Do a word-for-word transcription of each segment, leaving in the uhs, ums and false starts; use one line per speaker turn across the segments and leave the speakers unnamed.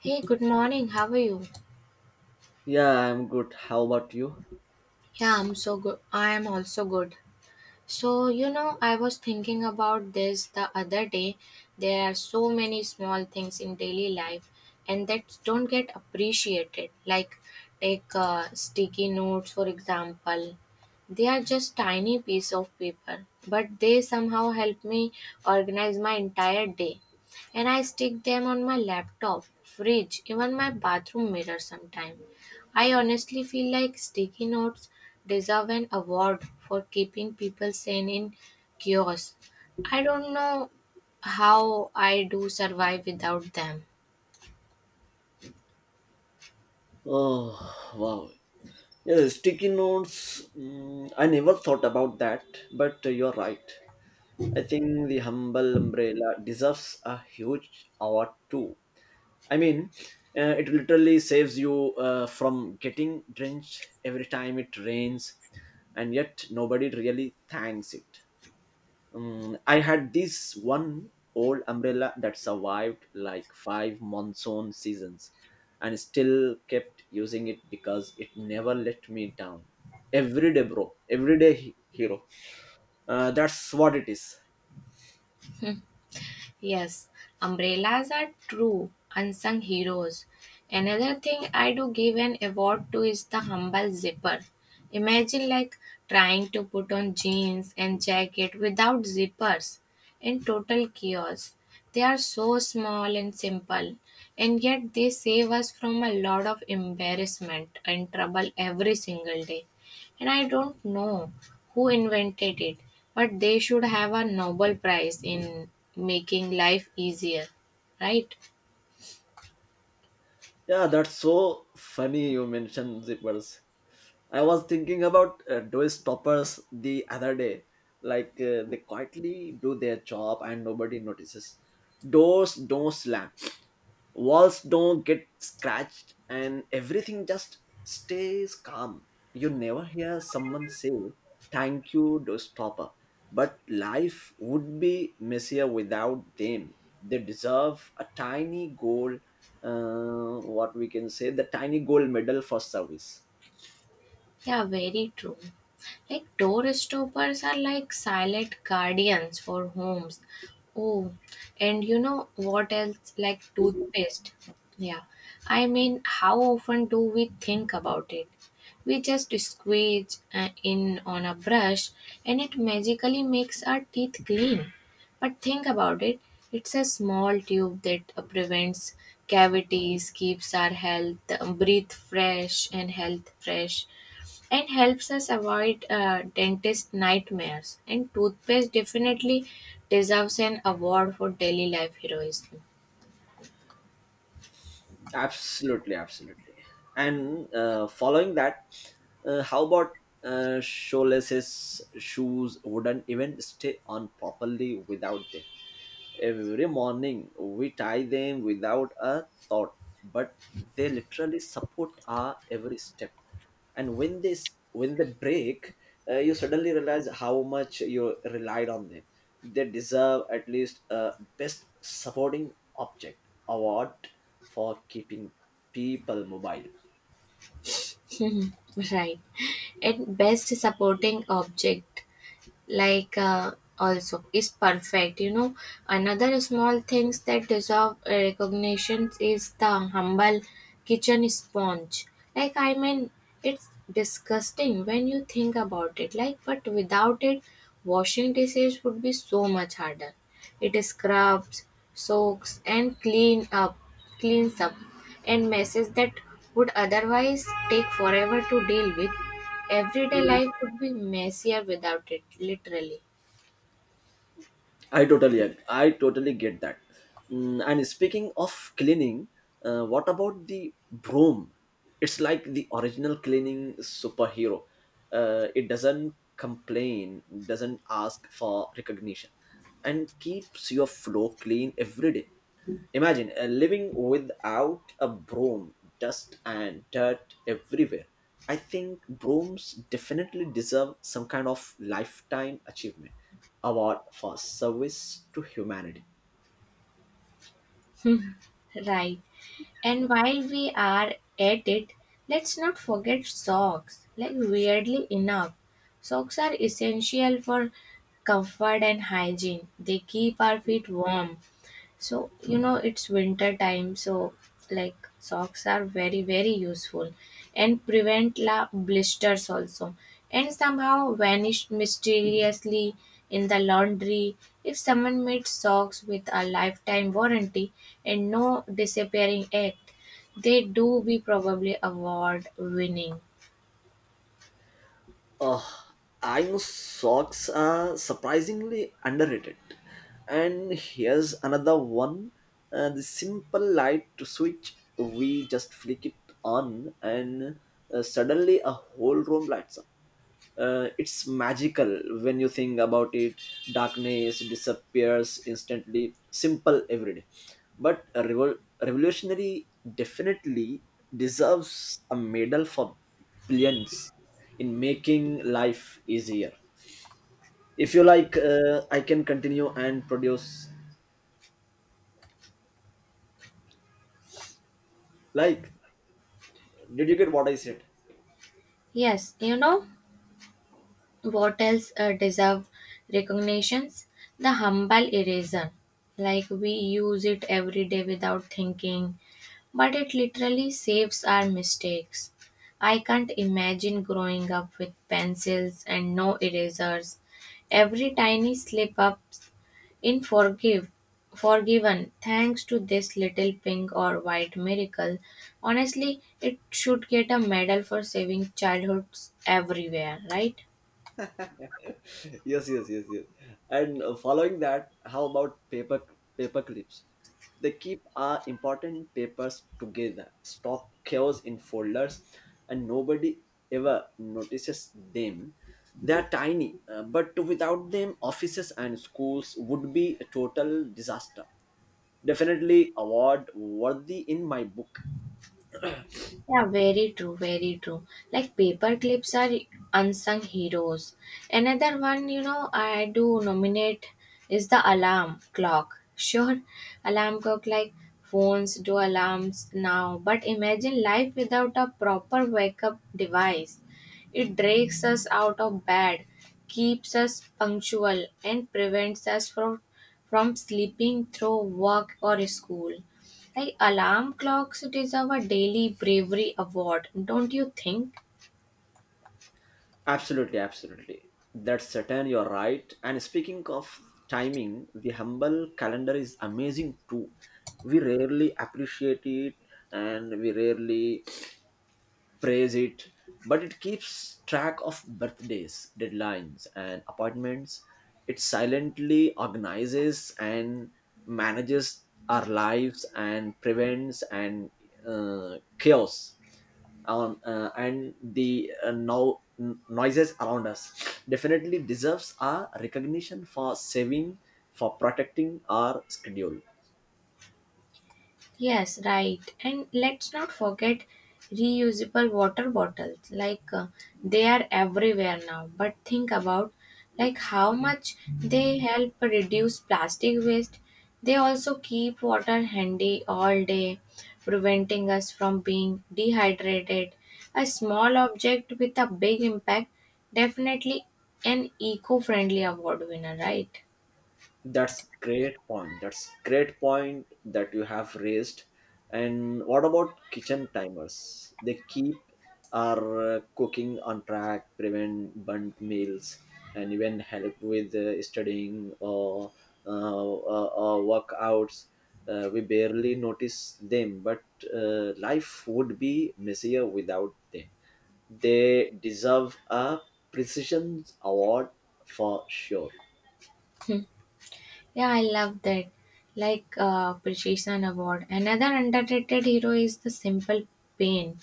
Hey, good morning. How are you?
Yeah, I'm good. How about you?
Yeah, I'm so good. I am also good. So, you know, I was thinking about this the other day. There are so many small things in daily life and that don't get appreciated. Like, take uh, sticky notes, for example. They are just tiny piece of paper, but they somehow help me organize my entire day. And I stick them on my laptop, fridge, even my bathroom mirror sometimes. I honestly feel like sticky notes deserve an award for keeping people sane in chaos. I don't know how I do survive without them.
Oh, wow. Yeah, sticky notes. Mm, I never thought about that, but uh, you're right. I think the humble umbrella deserves a huge award too. I mean, uh, it literally saves you uh, from getting drenched every time it rains, and yet nobody really thanks it. Um, I had this one old umbrella that survived like five monsoon seasons and still kept using it because it never let me down. Every day, bro. Everyday he- hero. Uh, that's what it is.
Yes, umbrellas are true unsung heroes. Another thing I do give an award to is the humble zipper. Imagine like trying to put on jeans and jacket without zippers in total chaos. They are so small and simple, and yet they save us from a lot of embarrassment and trouble every single day, and I don't know who invented it, but they should have a Nobel Prize in making life easier, right?
Yeah, that's so funny you mentioned zippers. I was thinking about uh, door stoppers the other day. Like uh, they quietly do their job and nobody notices. Doors don't slam, walls don't get scratched, and everything just stays calm. You never hear someone say thank you to stopper," but life would be messier without them. They deserve a tiny gold, uh, what we can say, the tiny gold medal for service.
Yeah, very true. Like door stoppers are like silent guardians for homes. Oh, and you know what else? Like toothpaste. Yeah, I mean, how often do we think about it? We just squeeze uh, in on a brush and it magically makes our teeth clean. But think about it, it's a small tube that uh, prevents cavities, keeps our health, uh, breathe fresh, and health fresh and helps us avoid uh, dentist nightmares. And toothpaste definitely deserves an award for daily life heroism.
Absolutely, absolutely. And uh, following that, uh, how about uh, shoelesses? Shoes wouldn't even stay on properly without them. Every morning we tie them without a thought, but they literally support our every step. And when they s- when they break, uh, you suddenly realize how much you relied on them. They deserve at least a best supporting object award for keeping people mobile.
Right. And best supporting object, like uh, also, is perfect. You know, another small things that deserve recognition is the humble kitchen sponge. Like, I mean, it's disgusting when you think about it. Like, but without it, washing dishes would be so much harder. It scrubs, soaks, and clean up, cleans up and messes that would otherwise take forever to deal with. Everyday life would be messier without it, literally.
I totally ag- I totally get that. Mm, and speaking of cleaning, uh, what about the broom? It's like the original cleaning superhero. Uh, it doesn't complain, doesn't ask for recognition, and keeps your floor clean every day. Imagine uh, living without a broom, dust and dirt everywhere. I think brooms definitely deserve some kind of lifetime achievement award for service to humanity.
Right. And while we are at it, let's not forget socks. Like, weirdly enough, socks are essential for comfort and hygiene. They keep our feet warm. So, you know, it's winter time, so like socks are very, very useful and prevent la blisters also and somehow vanished mysteriously in the laundry. If someone made socks with a lifetime warranty and no disappearing act, they do be probably award winning.
Oh, I know socks are surprisingly underrated. And here's another one, uh, the simple light to switch. We just flick it on, and uh, suddenly a whole room lights up. Uh, it's magical when you think about it. Darkness disappears instantly, simple, every day, but a revol- revolutionary. Definitely deserves a medal for brilliance in making life easier. If you like, uh, I can continue and produce. Like, did you get what I said?
Yes, you know, what else uh, deserve recognitions, the humble eraser. Like we use it every day without thinking, but it literally saves our mistakes. I can't imagine growing up with pencils and no erasers. Every tiny slip up in forgive forgiven thanks to this little pink or white miracle. Honestly, it should get a medal for saving childhoods everywhere, right?
Yes, yes, yes, yes. And uh, following that, how about paper paper clips? They keep our important papers together, stop chaos in folders, and nobody ever notices them. They are tiny, uh, but without them, offices and schools would be a total disaster. Definitely award worthy in my book.
Yeah, very true, very true. Like paper clips are unsung heroes. Another one, you know, I do nominate is the alarm clock. Sure, alarm clock like phones do alarms now, but imagine life without a proper wake up device. It drags us out of bed, keeps us punctual, and prevents us from, from sleeping through work or school. Like alarm clocks deserve a daily bravery award, don't you think?
Absolutely, absolutely. That's certain, you're right. And speaking of timing, the humble calendar is amazing too. We rarely appreciate it and we rarely praise it, but it keeps track of birthdays, deadlines, and appointments. It silently organizes and manages our lives and prevents and uh, chaos on uh, and the uh, now n- noises around us. Definitely deserves our recognition for saving, for protecting our schedule.
Yes, right. And let's not forget reusable water bottles. Like uh, they are everywhere now. But think about like how much they help reduce plastic waste. They also keep water handy all day, preventing us from being dehydrated. A small object with a big impact, definitely an eco-friendly award winner, right?
That's great point. That's great point that you have raised. And what about kitchen timers? They keep our uh, cooking on track, prevent burnt meals, and even help with uh, studying or uh, uh, uh, workouts. Uh, we barely notice them, but uh, life would be messier without them. They deserve a precision award for sure.
Yeah, I love that. Like uh, Precision Award. Another underrated hero is the simple pain.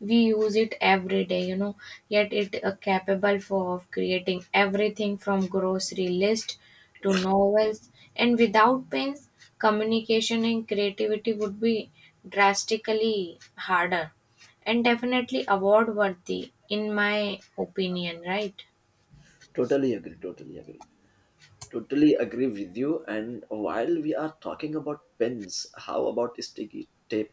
We use it every day, you know, yet it uh, capable for of creating everything from grocery list to novels. And without pains, communication and creativity would be drastically harder and definitely award worthy in my opinion, right?
Totally agree. Totally agree. Totally agree with you. And while we are talking about pens, how about sticky tape?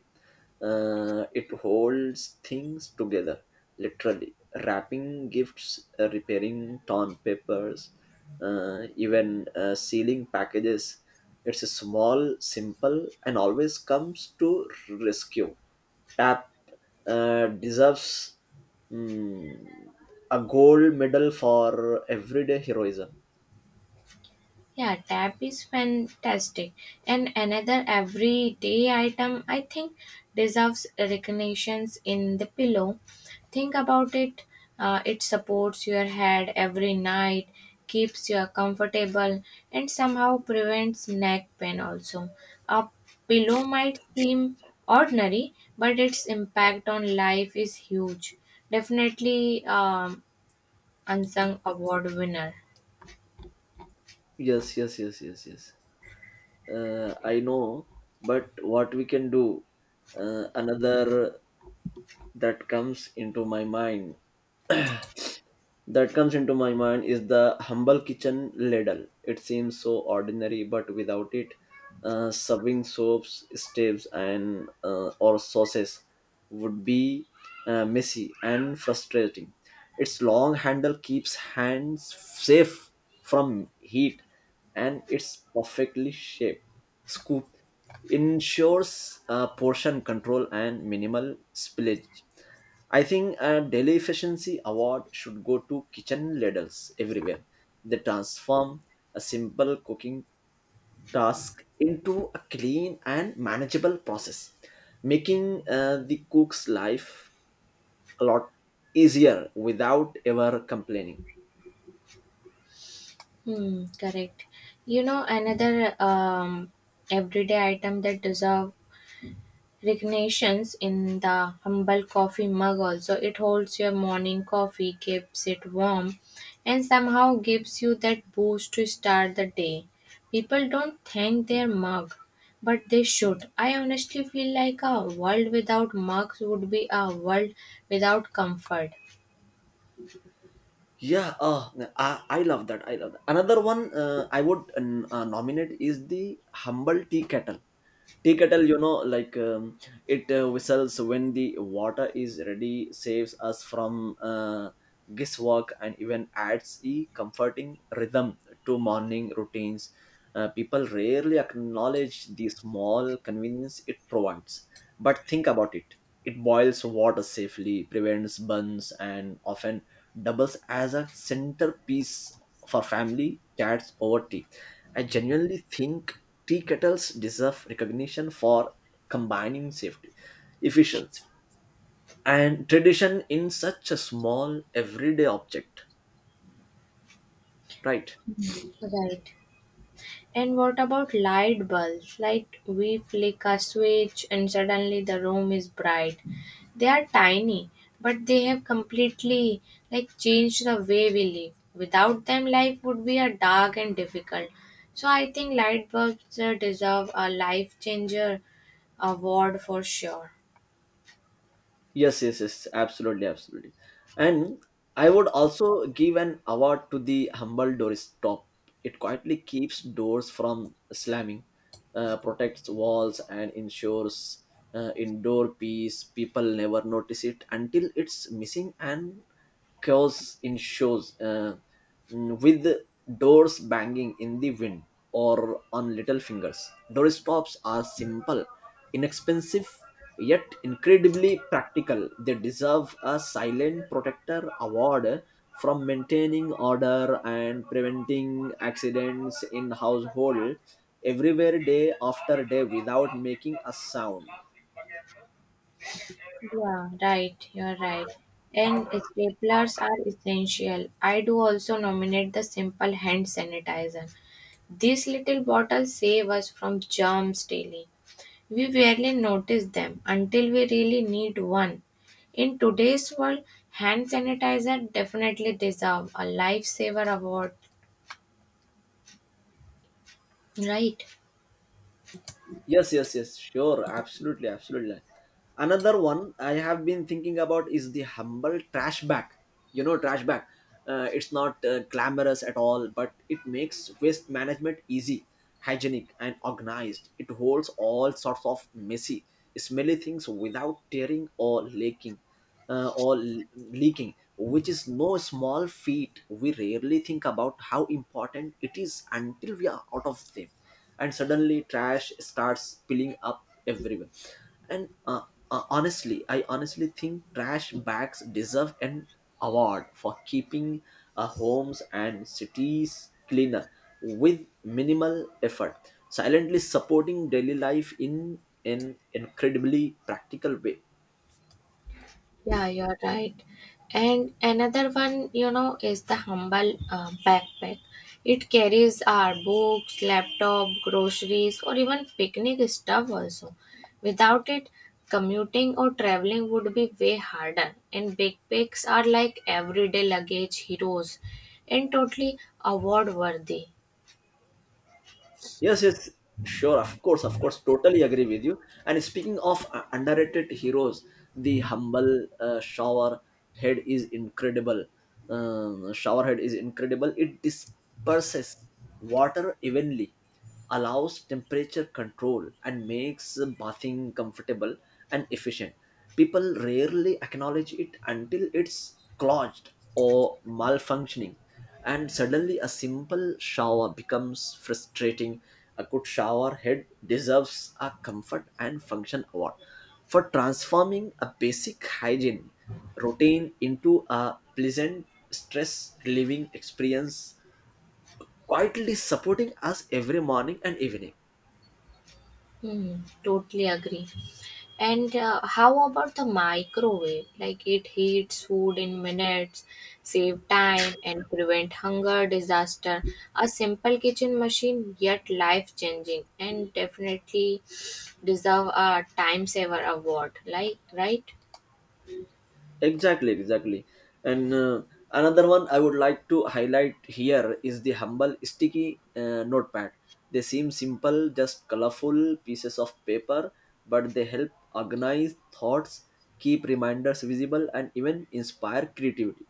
Uh, it holds things together, literally. Wrapping gifts, uh, repairing torn papers, uh, even uh, sealing packages. It's a small, simple, and always comes to rescue. Tap uh, deserves, mm, a gold medal for everyday heroism.
Yeah, tap is fantastic. And another everyday item I think deserves recognitions in the pillow. Think about it. Uh, it supports your head every night, keeps you comfortable, and somehow prevents neck pain also. A pillow might seem ordinary, but its impact on life is huge. Definitely um, unsung award winner.
Yes, yes, yes, yes, yes. Uh, I know, but what we can do, uh, another that comes into my mind, that comes into my mind is the humble kitchen ladle. It seems so ordinary, but without it, uh, serving soaps, steaks, and uh, or sauces would be uh, messy and frustrating. Its long handle keeps hands safe from heat, and its perfectly shaped scoop ensures uh, portion control and minimal spillage. I think a daily efficiency award should go to kitchen ladles everywhere. They transform a simple cooking task into a clean and manageable process, making uh, the cook's life a lot easier without ever complaining.
Hmm, correct. You know, another um, everyday item that deserve recognitions in the humble coffee mug also. It holds your morning coffee, keeps it warm, and somehow gives you that boost to start the day. People don't thank their mug, but they should. I honestly feel like a world without mugs would be a world without comfort.
Yeah, uh, I, I love that. I love that. Another one, uh, i would uh, nominate is the humble tea kettle tea kettle. You know, like, um, it uh, whistles when the water is ready, saves us from uh, guesswork, and even adds a comforting rhythm to morning routines. Uh, people rarely acknowledge the small convenience it provides. But think about it, it boils water safely, prevents burns, and often doubles as a centerpiece for family chats over tea. I genuinely think tea kettles deserve recognition for combining safety, efficiency, and tradition in such a small everyday object, right?
Right. And what about light bulbs? Like we flick a switch and suddenly the room is bright. They are tiny, but they have completely like changed the way we live. Without them, life would be a dark and difficult. So I think light bulbs uh, deserve a life changer award for sure.
Yes, yes, yes, absolutely, absolutely. And I would also give an award to the humble Doris top. It quietly keeps doors from slamming, uh, protects walls, and ensures uh, indoor peace. People never notice it until it's missing and chaos in shows, uh, mm, with doors banging in the wind or on little fingers. Doorstops are simple, inexpensive, yet incredibly practical. They deserve a silent protector award from maintaining order and preventing accidents in household everywhere, day after day, without making a sound.
Yeah, right. You're right. And staplers are essential. I do also nominate the simple hand sanitizer. These little bottles save us from germs daily. We rarely notice them until we really need one. In today's world, hand sanitizer definitely deserve a lifesaver award, right?
Yes, yes, yes, sure, absolutely, absolutely. Another one I have been thinking about is the humble trash bag. You know, trash bag. Uh, it's not uh, glamorous at all, but it makes waste management easy, hygienic, and organized. It holds all sorts of messy, smelly things without tearing or leaking, uh, or l- leaking, which is no small feat. We rarely think about how important it is until we are out of them and suddenly trash starts spilling up everywhere, and uh, uh, honestly i honestly think trash bags deserve an award for keeping uh, homes and cities cleaner with minimal effort, silently supporting daily life in an incredibly practical way.
Yeah, you're right. And another one, you know, is the humble uh, backpack. It carries our books, laptop, groceries, or even picnic stuff also. Without it, commuting or traveling would be way harder. And backpacks are like everyday luggage heroes and totally award worthy.
Yes, yes, sure, of course, of course, totally agree with you. And speaking of uh, underrated heroes, the humble uh, showerhead is incredible. Um, showerhead is incredible. It disperses water evenly, allows temperature control, and makes bathing comfortable and efficient. People rarely acknowledge it until it's clogged or malfunctioning, and suddenly a simple shower becomes frustrating. A good shower head deserves a comfort and function award for transforming a basic hygiene routine into a pleasant, stress relieving experience, quietly supporting us every morning and evening.
Hmm, totally agree. And uh, how about the microwave? Like it heats food in minutes, save time and prevent hunger disaster. A simple kitchen machine yet life changing and definitely deserve a time saver award. Like right?
Exactly, exactly. And uh, another one I would like to highlight here is the humble sticky uh, notepad. They seem simple, just colorful pieces of paper, but they help organize thoughts, keep reminders visible, and even inspire creativity.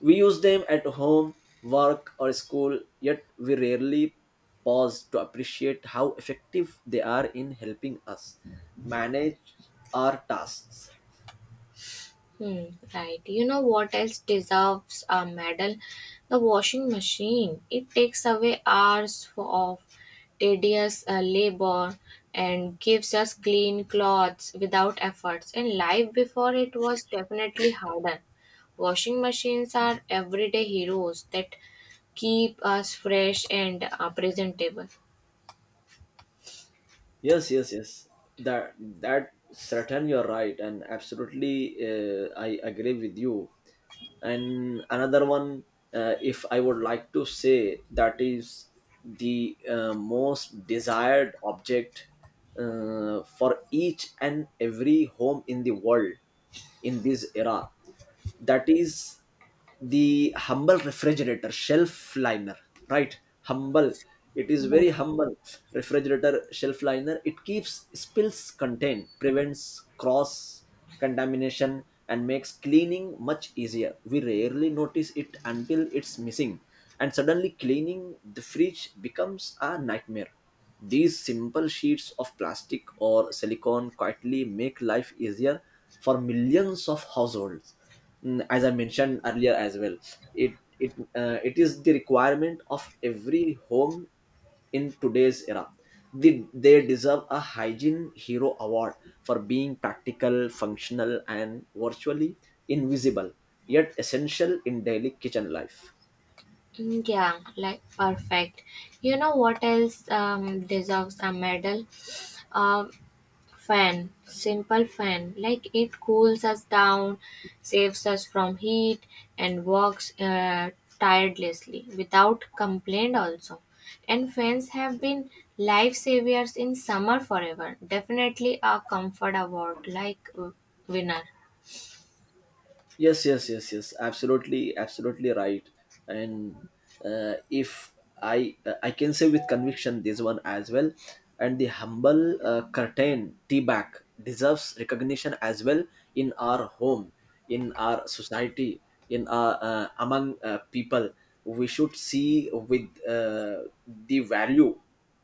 We use them at home, work, or school, yet we rarely pause to appreciate how effective they are in helping us manage our tasks.
Hmm, right. You know what else deserves a medal? The washing machine. It takes away hours for- of tedious uh, labor and gives us clean clothes without efforts. In life before, it was definitely harder. Washing machines are everyday heroes that keep us fresh and uh, presentable.
Yes, yes, yes. That that certain, you're right, and absolutely, uh, I agree with you. And another one, uh, if I would like to say, that is the uh, most desired object uh, for each and every home in the world in this era, that is the humble refrigerator shelf liner, right? Humble. It is very
Yes.
humble. Refrigerator shelf liner. It keeps spills contained, prevents cross contamination, and makes cleaning much easier. We rarely notice it until it's missing, and suddenly cleaning the fridge becomes a nightmare. These simple sheets of plastic or silicone quietly make life easier for millions of households. Mm, as I mentioned earlier as well, it it uh, it is the requirement of every home in today's era. They, they deserve a hygiene hero award for being practical, functional, and virtually invisible, yet essential in daily kitchen life.
Mm, yeah, like perfect. You know what else um, deserves a medal? Um Fan, simple fan, like it cools us down, saves us from heat, and works uh, tirelessly without complaint also. And fans have been lifesavers in summer forever. Definitely a comfort award like uh, winner.
Yes, yes, yes, yes, absolutely, absolutely, right. And uh, if i uh, i can say with conviction this one as well, and the humble uh, curtain tea bag deserves recognition as well, in our home, in our society, in our, uh, among uh, people. We should see with, uh, the value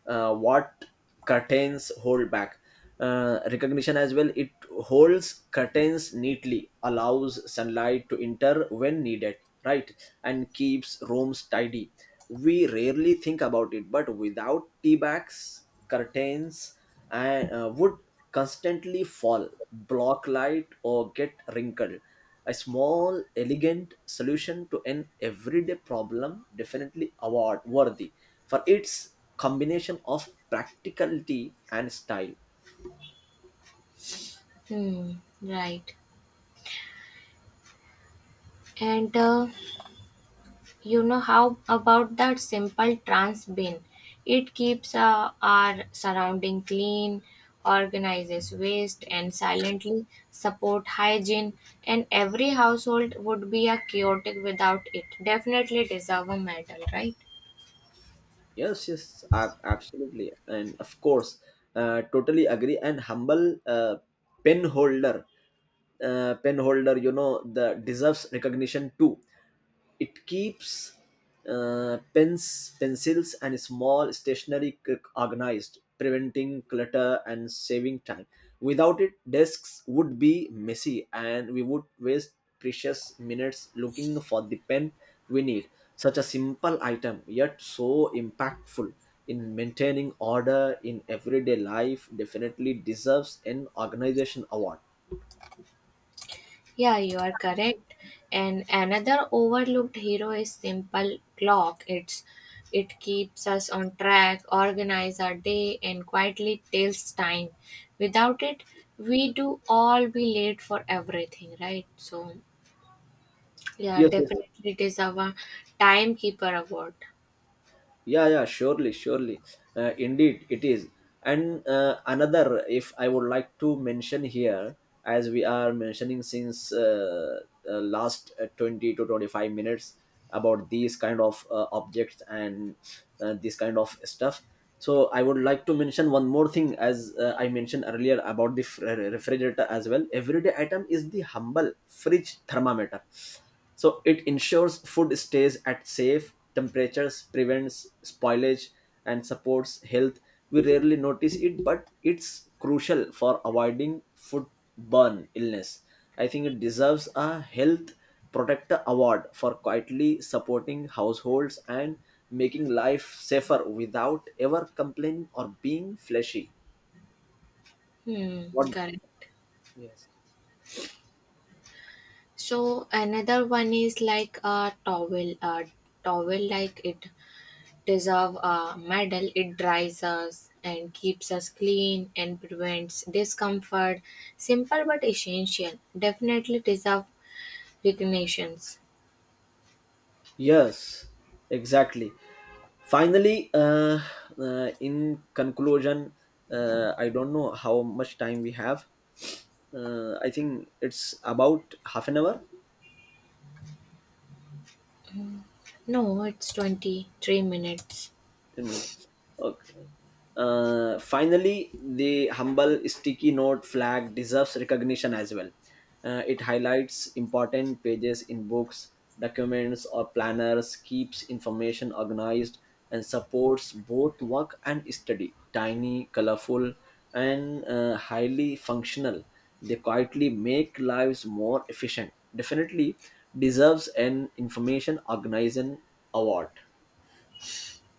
uh, what curtains hold back, uh, recognition as well. It holds curtains neatly, allows sunlight to enter when needed, right, and keeps rooms tidy. We rarely think about it, but without tea bags, curtains and uh, would constantly fall, block light, or get wrinkled. A small, elegant solution to an everyday problem, definitely award worthy for its combination of practicality and style.
Hmm, right. And uh, You know how about that simple trans bin? It keeps uh, our surrounding clean, organizes waste, and silently support hygiene. And every household would be a chaotic without it. Definitely deserve a medal, right?
Yes, yes, ab- absolutely, and of course, uh, totally agree. And humble uh, pen holder, uh, pen holder, you know, the deserves recognition too. It keeps uh, pens, pencils, and small stationery c- organized, preventing clutter and saving time. Without it, desks would be messy and we would waste precious minutes looking for the pen we need. Such a simple item, yet so impactful in maintaining order in everyday life, definitely deserves an organization award.
Yeah, you are correct. And another overlooked hero is simple clock. It's it keeps us on track, organize our day, and quietly tells time. Without it, we do all be late for everything, right? So yeah,
Yes, yes.
definitely it is our timekeeper award.
yeah yeah surely surely uh, Indeed it is. And uh, another, if I would like to mention here, as we are mentioning since uh, uh, last uh, twenty to twenty-five minutes about these kind of uh, objects and uh, this kind of stuff, so I would like to mention one more thing. As uh, I mentioned earlier about the fr- refrigerator as well, everyday item is the humble fridge thermometer. So it ensures food stays at safe temperatures, prevents spoilage, and supports health. We rarely notice it, but it's crucial for avoiding foodborne illness. I think it deserves a health protector award for quietly supporting households and making life safer without ever complaining or being fleshy.
Hmm,
What?
correct.
Yes.
So another one is like a towel, a towel like it deserve a medal. It dries us and keeps us clean and prevents discomfort. Simple but essential. Definitely deserve recognitions.
Yes, exactly. Finally, uh, uh, in conclusion, uh, I don't know how much time we have. Uh, I think it's about half an hour.
No, it's twenty-three minutes.
ten minutes. Okay. Uh, finally, the humble sticky note flag deserves recognition as well. Uh, it highlights important pages in books, documents, or planners, keeps information organized, and supports both work and study. Tiny, colorful, and uh, highly functional, they quietly make lives more efficient. Definitely deserves an information organization award.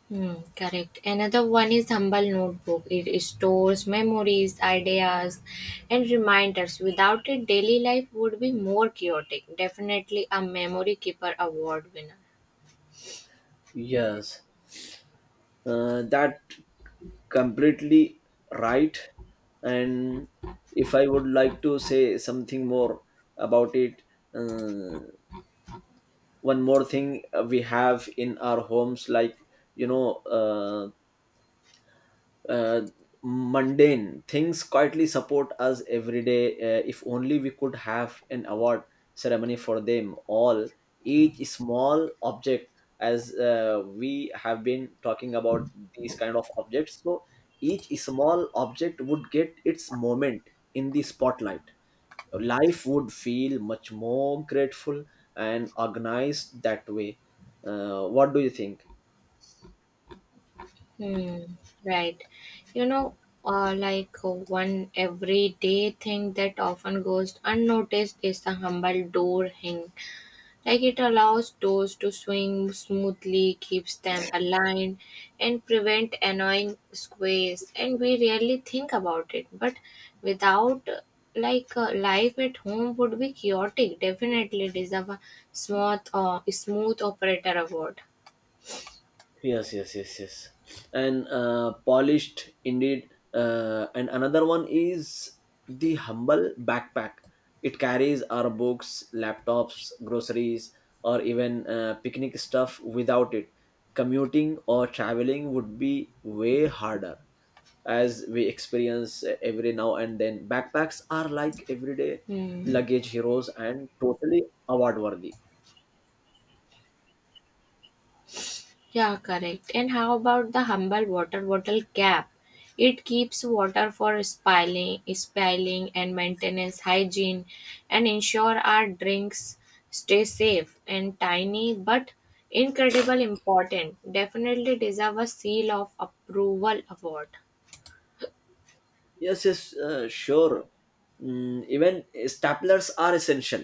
Hmm, correct. Another one is Humble Notebook. It stores memories, ideas, and reminders. Without it, daily life would be more chaotic. Definitely a Memory Keeper Award winner.
Yes. Uh, that completely right. And if I would like to say something more about it, uh, one more thing uh, we have in our homes, like you know uh, uh, mundane things quietly support us every day. Uh, if only we could have an award ceremony for them all, each small object, as uh, we have been talking about these kind of objects. So each small object would get its moment in the spotlight. Life would feel much more grateful and organized that way. Uh, what do you think?
Hmm, right. You know, uh, like uh, one everyday thing that often goes unnoticed is the humble door hang. Like it allows doors to swing smoothly, keeps them aligned, and prevent annoying squeeze. And we rarely think about it. But without uh, like uh, life at home would be chaotic. Definitely deserve a smooth or smooth operator award.
Yes, yes, yes, yes. And uh, polished indeed. Uh, and another one is the humble backpack. It carries our books, laptops, groceries, or even uh, picnic stuff, without it commuting or traveling would be way harder, as we experience uh, every now and then. Backpacks are like everyday
Hmm.
luggage heroes and totally award worthy.
Yeah, correct. And how about the humble water bottle cap? It keeps water for spilling, spilling and maintenance hygiene and ensure our drinks stay safe and tiny but incredible important. Definitely deserve a seal of approval award.
Yes, yes, uh, sure. Mm, even staplers are essential.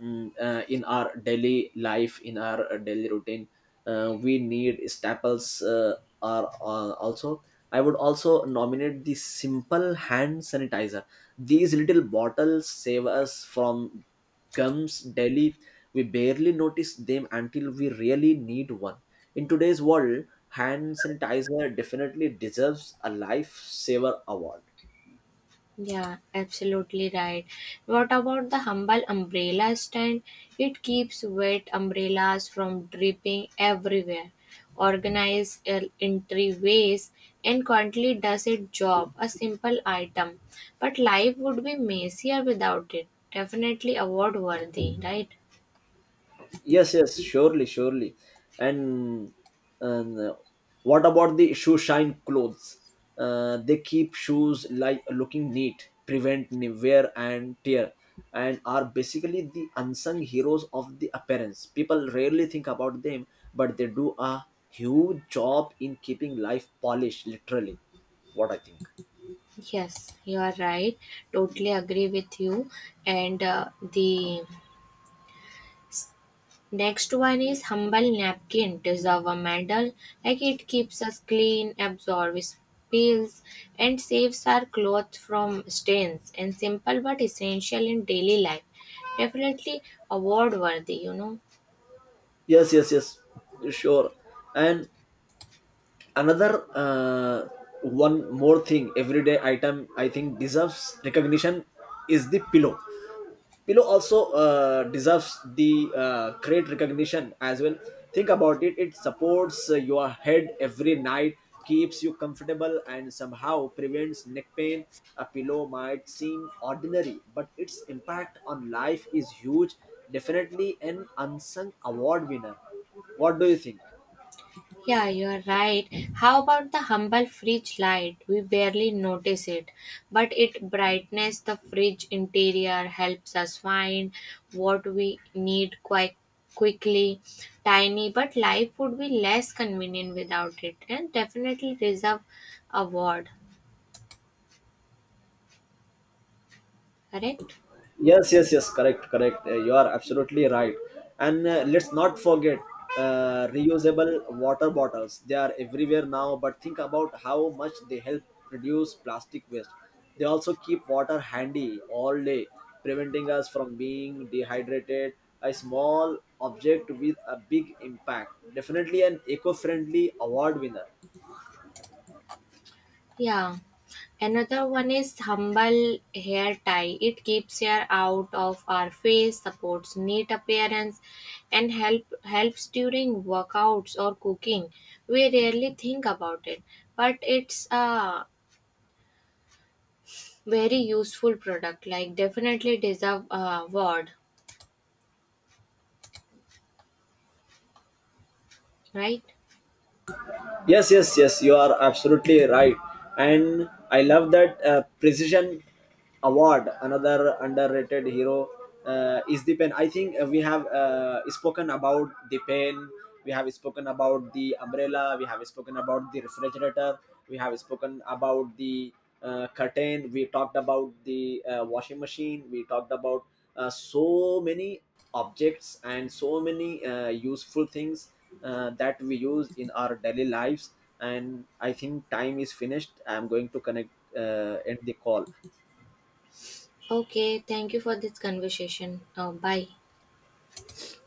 mm, uh, In our daily life, in our uh, daily routine, Uh, we need staples. Uh, are uh, Also, I would also nominate the simple hand sanitizer. These little bottles save us from gums daily. We barely notice them until we really need one. In today's world, hand sanitizer definitely deserves a lifesaver award.
Yeah, absolutely right. What about the humble umbrella stand? It keeps wet umbrellas from dripping everywhere, organized entryways, and quietly does its job, a simple item. But life would be messier without it. Definitely award worthy, right?
Yes, yes, surely, surely. And, and uh, What about the shoe shine clothes? Uh, they keep shoes like looking neat, prevent ni- wear and tear, and are basically the unsung heroes of the appearance. People rarely think about them, but they do a huge job in keeping life polished, literally. What I think.
Yes, you are right. Totally agree with you. And uh, the next one is humble napkin deserve a medal like it keeps us clean, absorbs spills and saves our clothes from stains and simple but essential in daily life. Definitely award worthy, you know.
Yes, yes, yes, sure. And another, uh, one more thing, everyday item I think deserves recognition is the pillow. Pillow also uh, deserves the uh, great recognition as well. Think about it, it supports uh, your head every night, keeps you comfortable and somehow prevents neck pain. A pillow might seem ordinary, but its impact on life is huge. Definitely an unsung award winner. What do you think?
Yeah, you're right. How about the humble fridge light? We barely notice it, but it brightens the fridge interior, helps us find what we need quite quickly. Tiny, but life would be less convenient without it, and definitely deserve award. Correct?
Yes, yes, yes, correct, correct. Uh, you are absolutely right. And uh, let's not forget uh, reusable water bottles. They are everywhere now, but think about how much they help reduce plastic waste. They also keep water handy all day, preventing us from being dehydrated. A small object with a big impact. Definitely an eco friendly award winner.
Yeah. Another one is humble hair tie. It keeps hair out of our face, supports neat appearance, and help helps during workouts or cooking. We rarely think about it, but it's a very useful product. Like definitely deserve a award, right?
Yes, yes, yes, you are absolutely right. And I love that uh, Precision Award. Another underrated hero, uh, is the pen. I think uh, we have uh, spoken about the pen, we have spoken about the umbrella, we have spoken about the refrigerator, we have spoken about the uh, curtain, we talked about the uh, washing machine, we talked about uh, so many objects and so many uh, useful things uh, that we use in our daily lives. And I think time is finished, I'm going to connect, uh, end the call.
Okay. Thank you for this conversation. Uh, bye.